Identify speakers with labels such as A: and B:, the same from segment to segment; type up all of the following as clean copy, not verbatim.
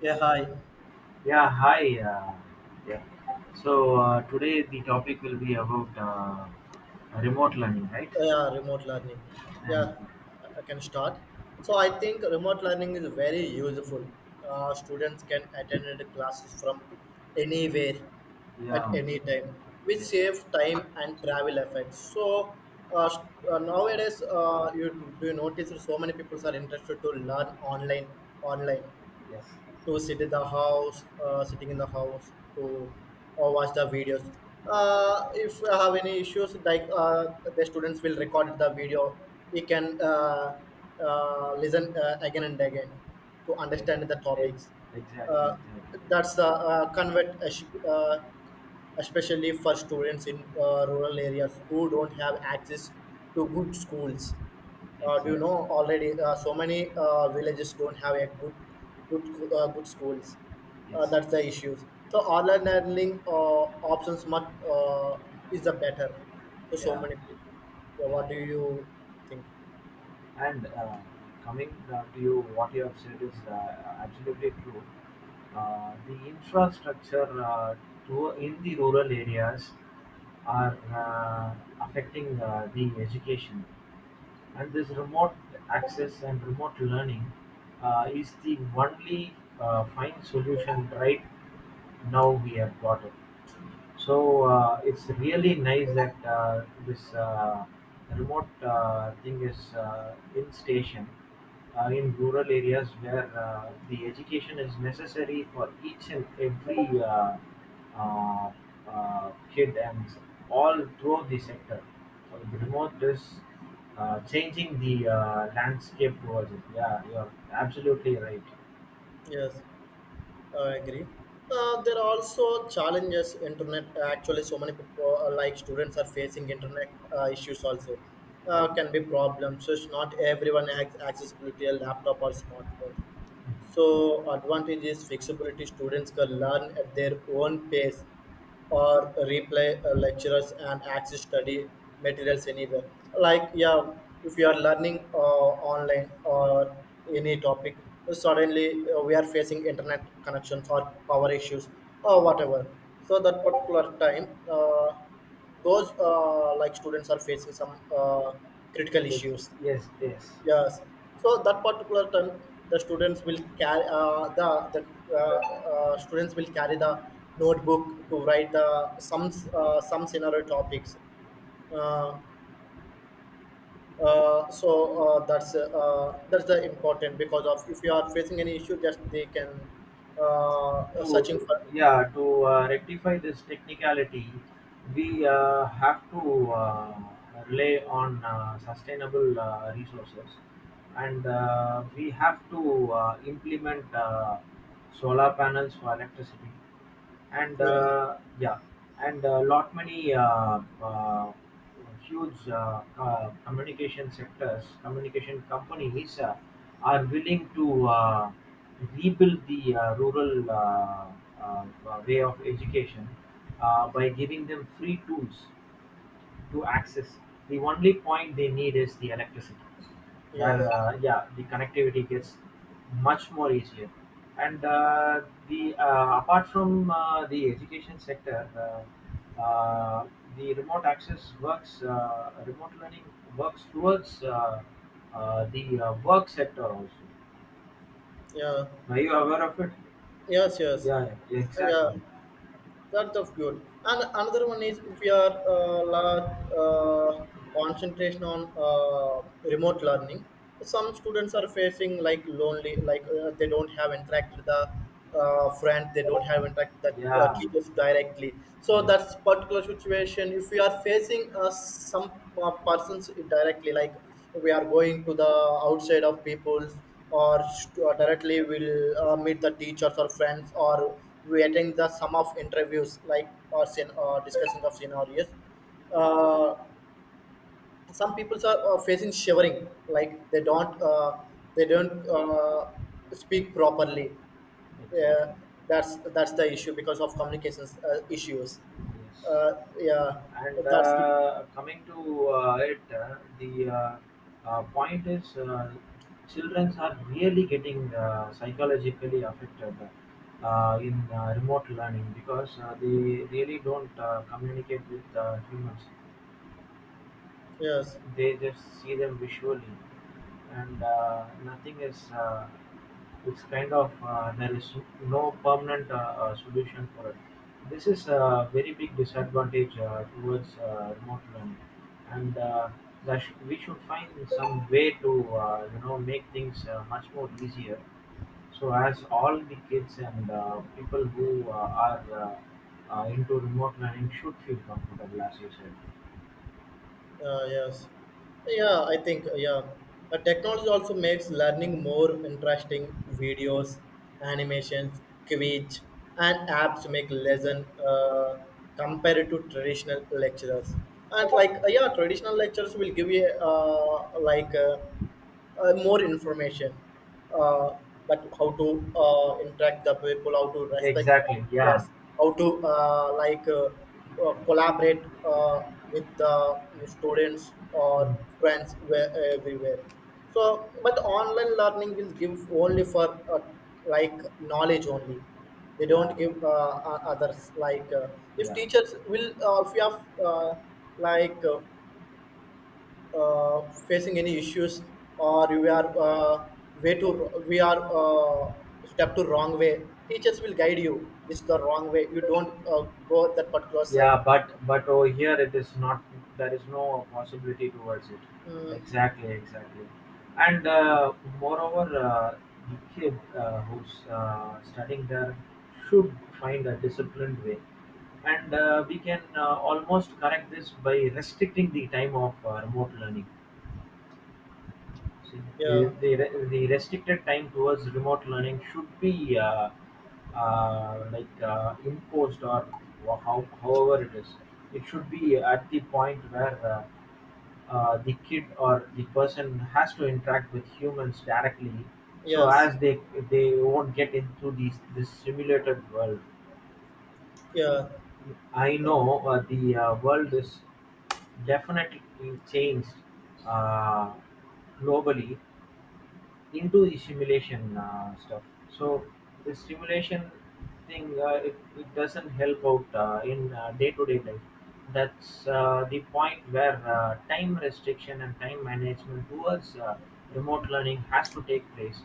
A: Yeah, hi. Oh,
B: Yeah, hi. Yeah. So today the topic will be about remote learning, right?
A: yeah, remote learning.
B: And
A: Yeah, I can start. So I think remote learning is very useful. Students can attend the classes from anywhere at
B: yeah,
A: any time, which
B: yes,
A: saves time and travel effects. So uh, s- nowadays, you do you notice that so many people are interested to learn online
B: yes,
A: to sit in the house, sitting in the house to or watch the videos. If you have any issues, like the students will record the video, we can listen again and again to
B: e-
A: understand the
B: e-
A: topics.
B: exactly,
A: Uh,
B: exactly,
A: that's the convert especially for students in rural areas who don't have access to good schools. Do you
B: exactly.
A: know already? So many villages don't have a good schools.
B: Yes,
A: That's the issue. So online learning options much is the better. So
B: yeah,
A: many people. Yeah,
B: yeah,
A: what do
B: yeah.
A: you think?
B: And coming to you, what you have said is absolutely true. The infrastructure to in the rural areas are affecting the education. And this remote access and remote learning is the only fine solution right now we have got it. So it's really nice that this remote thing is in station in rural areas where the education is necessary for each and every uh, kid and all throughout the sector. So the remote is changing the landscape towards it. Yeah, you're absolutely right.
A: Yes. I agree. There are also challenges. Internet actually, so many people like students are facing internet issues also can be
B: Okay.
A: problems. So it's not everyone has accessibility a laptop or smartphone. So advantage is flexibility. Students can learn at their own pace or replay lectures and access study materials anywhere. Like, yeah, if you are learning online or any topic, suddenly we are facing internet connections or power issues or whatever. So that particular time, those like students are facing some critical
B: Yes,
A: issues.
B: yes, yes.
A: Yes. So that particular time, the students will carry the notebook to write the some scenario topics. Uh, that's the important because of if you are facing any issue, just they can
B: To,
A: searching for.
B: yeah, to rectify this technicality, we have to rely on sustainable resources, and we have to implement solar panels for electricity, and
A: Yeah,
B: yeah, and a lot many huge communication sectors communication companies are willing to rebuild the rural uh, way of education by giving them free tools to access. The only point they need is the electricity,
A: yes,
B: where, yeah, the connectivity gets much more easier. And the apart from the education sector, the remote access works, remote learning works towards the work sector also.
A: yeah,
B: Are you aware of it?
A: yes, yes,
B: Yeah, yeah,
A: yeah.
B: exactly.
A: That's of good. And another one is if we are large uh, concentration on remote learning, some students are facing like lonely, like they don't have interact with the friend, they don't have interact with the
B: Yeah,
A: teachers directly. So
B: yes,
A: that's particular situation. If we are facing some persons directly, like we are going to the outside of people's, or directly will meet the teachers or friends, or we attend the some of interviews like, or discussing of scenarios. uh, some people are facing shivering, like they don't speak properly. uh,
B: exactly.
A: that's the issue because of communications issues.
B: Yes.
A: uh, yeah,
B: And
A: that's
B: coming to it, the point is, children are really getting psychologically affected in remote learning, because they really don't communicate with humans.
A: yes.
B: They just see them visually, and nothing is. It's kind of there is no permanent solution for it. This is a very big disadvantage towards remote learning, and we should find some way to make things much more easier, so as all the kids and people who are into remote learning should feel comfortable, as you said.
A: Yes. Yeah, I think, yeah. Technology also makes learning more interesting. Videos, animations, quiz, and apps make lesson compared to traditional lecturers. And like, yeah, traditional lectures will give you like more information, uh, but how to interact the people, how to respect them,
B: Exactly. Yeah.
A: yes, how to collaborate with the students or friends where, everywhere. So, but online learning will give only for uh, like knowledge only. They
B: Yeah,
A: don't give others like, if
B: yeah,
A: teachers will if you have like. Facing any issues or we are way too we are step to wrong way, teachers will guide you, this is the wrong way, you don't go that particular side.
B: yeah. But over here it is not. There is no possibility towards it.
A: Mm,
B: Exactly, exactly. And moreover, the kid who's studying there should find a disciplined way, and we can almost correct this by restricting the time of remote learning. The
A: yeah,
B: the re- the restricted time towards remote learning should be like imposed, or however it is. It should be at the point where the kid or the person has to interact with humans directly, so
A: yes,
B: as they won't get into these this simulated world.
A: yeah.
B: I know the world is definitely changed uh, globally into the simulation stuff. So the simulation thing, it doesn't help out in day-to-day life. That's the point where time restriction and time management towards remote learning has to take place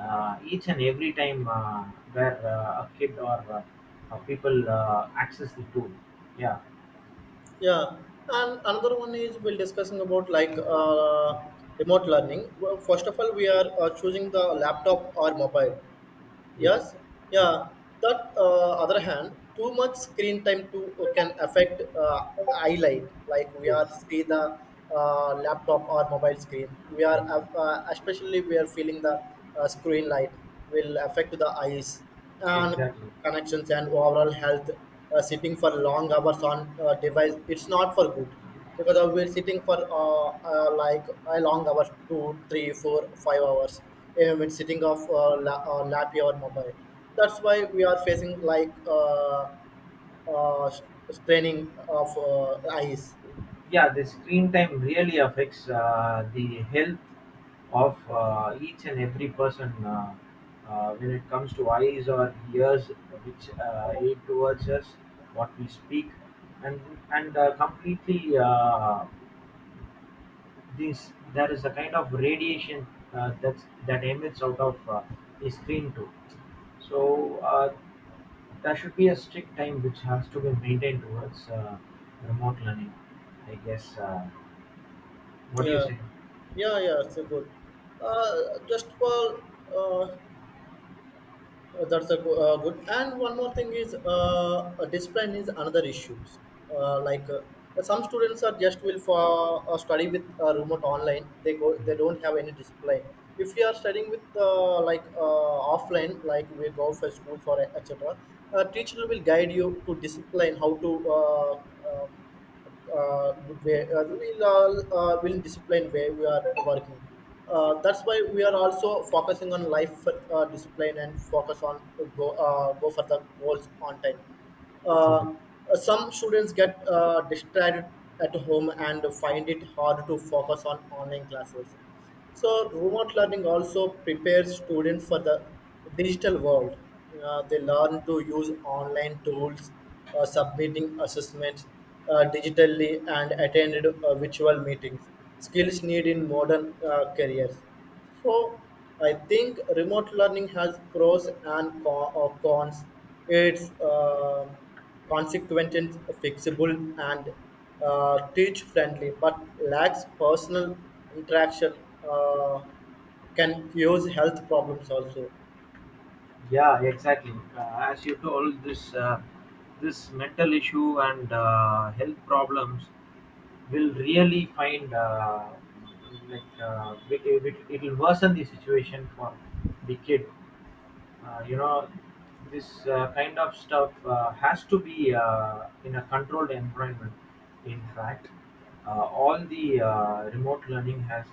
B: each and every time where a kid or people access the tool. Yeah.
A: Yeah, and another one is we'll discussing about like remote learning. Well, first of all we are choosing the laptop or mobile.
B: Yes.
A: Yes,
B: Yes.
A: yeah. That other hand, too much screen time too can affect eye light. Like we are
B: Yes.
A: see the laptop or mobile screen. We are
B: Exactly.
A: Especially we are feeling the screen light will affect the eyes and
B: Exactly.
A: connections and overall health. Sitting for long hours on device, it's not for good because of we're sitting for like a long hours, two, three, four, 5 hours. And when sitting off lap or mobile, that's why we are facing like uh, s- straining of eyes.
B: Yeah, the screen time really affects the health of each and every person when it comes to eyes or ears, which aid towards us what we speak, and completely, this there is a kind of radiation that emits out of the screen too. So there should be a strict time which has to be maintained towards remote learning. I guess what do you
A: Yeah,
B: say?
A: yeah, yeah. It's a good. Uh, just for, uh, that's a good. And one more thing is, discipline is another issue. Like some students are just will for study with remote online. They go, they don't have any discipline. If we are studying with like offline, like we go for schools or etc., teacher will guide you to discipline how to um, good way. We'll all will discipline way we are working. That's why we are also focusing on life discipline and focus on go for the goals on time.
B: Yeah.
A: Uh, some students get distracted at home and find it hard to focus on online classes. So remote learning also prepares students for the digital world. They learn to use online tools, submitting assessments digitally, and attended virtual meetings. Skills need in modern careers. So I think remote learning has pros and cons. It's consequent and fixable and teach friendly, but lacks personal interaction. Uh, can cause health problems also.
B: Yeah, exactly. As you told, this mental issue and health problems will really find, like, it'll worsen the situation for the kid. Uh, you know, this kind of stuff has to be in a controlled environment. In fact, all the remote learning has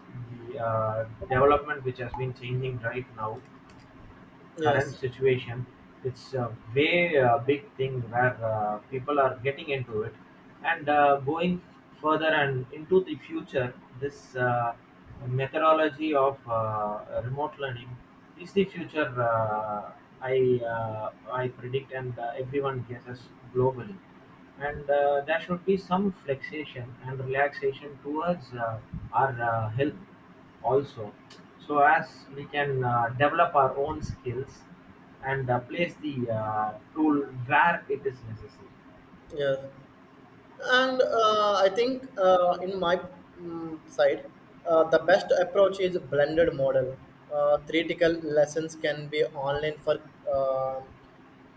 B: the development which has been changing right now. Current
A: Yes,
B: situation, it's a way big thing where people are getting into it and going further and into the future. This methodology of remote learning is the future, i uh, I predict, and everyone guesses globally, and there should be some flexion and relaxation towards our health also, so as we can develop our own skills and place the tool where it is necessary.
A: yes. And I think in my side, the best approach is blended model. Theoretical lessons can be online for uh,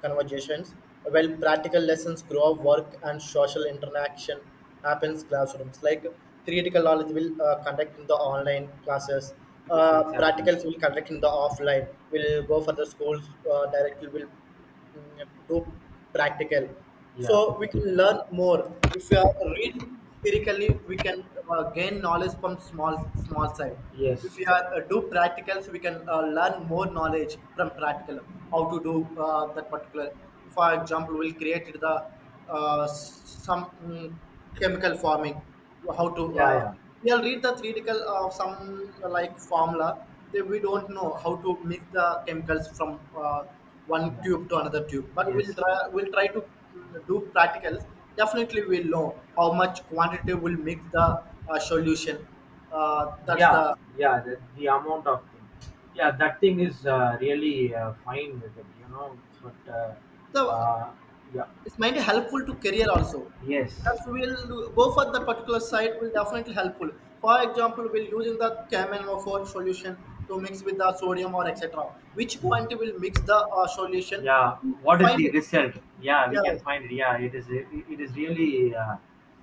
A: conversations, while practical lessons grow work and social interaction happens classrooms. Like theoretical knowledge will conduct in the online classes,
B: Exactly.
A: practicals will conduct in the offline. Will go for the schools directly. Will do practical.
B: Yeah.
A: So we can learn more. If we are reading theoretically, we can gain knowledge from small side.
B: Yes.
A: If we are do practicals, we can learn more knowledge from practical. How to do that particular. For example, we'll create the some chemical forming. How to,
B: Yeah. Yeah.
A: we'll read the theoretical of some like formula. Then we don't know how to mix the chemicals from. One
B: Yeah.
A: tube to another tube, but we'll
B: Yes.
A: try we'll try to do practicals. Definitely we'll know how much quantity will make the solution. That's
B: Yeah. Yeah. The amount of thing. Yeah, that thing is really fine with it. But
A: the
B: yeah.
A: It's might be helpful to career also.
B: Yes.
A: That's, we'll go for the particular site will definitely helpful. For example, we'll using the kmno solution to mix with the sodium or etc., which quantity will mix the solution.
B: Yeah, what is
A: Find
B: the
A: it.
B: result? Yeah, we
A: Yes.
B: can find it. Yeah, it is really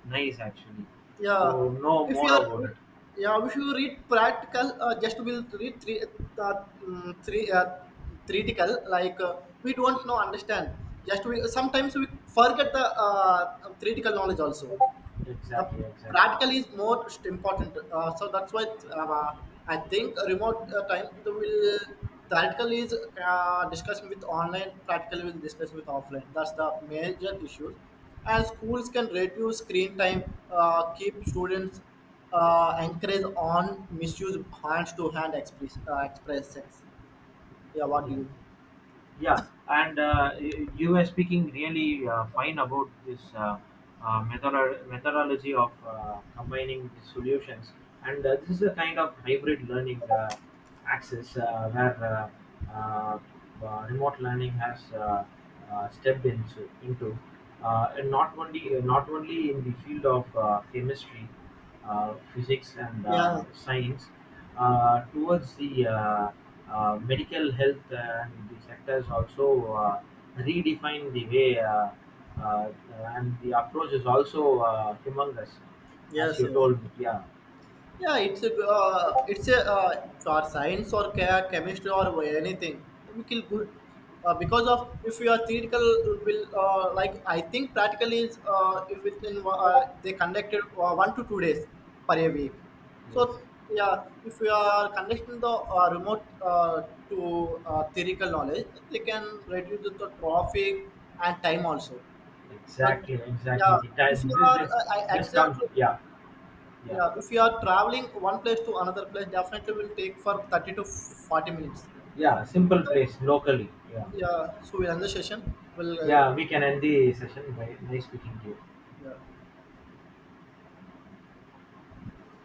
B: nice, actually,
A: Yeah,
B: to know
A: if
B: more
A: you are,
B: about it.
A: yeah, if you read practical, just will read three, uh, three, theoretical. Like we don't know, understand. Just we sometimes we forget the theoretical knowledge also. The
B: Exactly, exactly.
A: practical is more important. So that's why uh, I think remote time the will theoretical is discussion with online, practical will discuss with offline. That's the major issues. And schools can reduce screen time, keep students encourage on misuse hands to hand express expressions. Yeah, what do
B: Yeah.
A: you?
B: Yeah, and you were speaking really fine about this, methodology of combining the solutions, and this is a kind of hybrid learning access, where uh, remote learning has stepped into and not only in the field of chemistry, physics, and
A: Yeah.
B: science, towards the medical health and the sectors also, uh, redefine the way, uh, and the approach is also humongous, as
A: Yes.
B: you
A: Yes.
B: told me. Yeah.
A: Yeah, it's a for science or chemistry or anything. We feel good because of if you are theoretical will like I think practical is if within they conducted 1 to 2 days per a week.
B: Yes.
A: So yeah, if you are conducting the remote to theoretical knowledge, they can reduce the traffic and time also. The
B: Exactly, exactly.
A: Yeah,
B: The type,
A: if you
B: this
A: are
B: this,
A: I-
B: this comes.
A: exactly.
B: Yeah, yeah,
A: Yeah, if you are traveling one place to another place, definitely will take for 30 to 40 minutes.
B: yeah. Simple place locally. Yeah,
A: Yeah, so we'll end the session. We'll,
B: yeah, we can end the session by nice speaking to you.
A: yeah.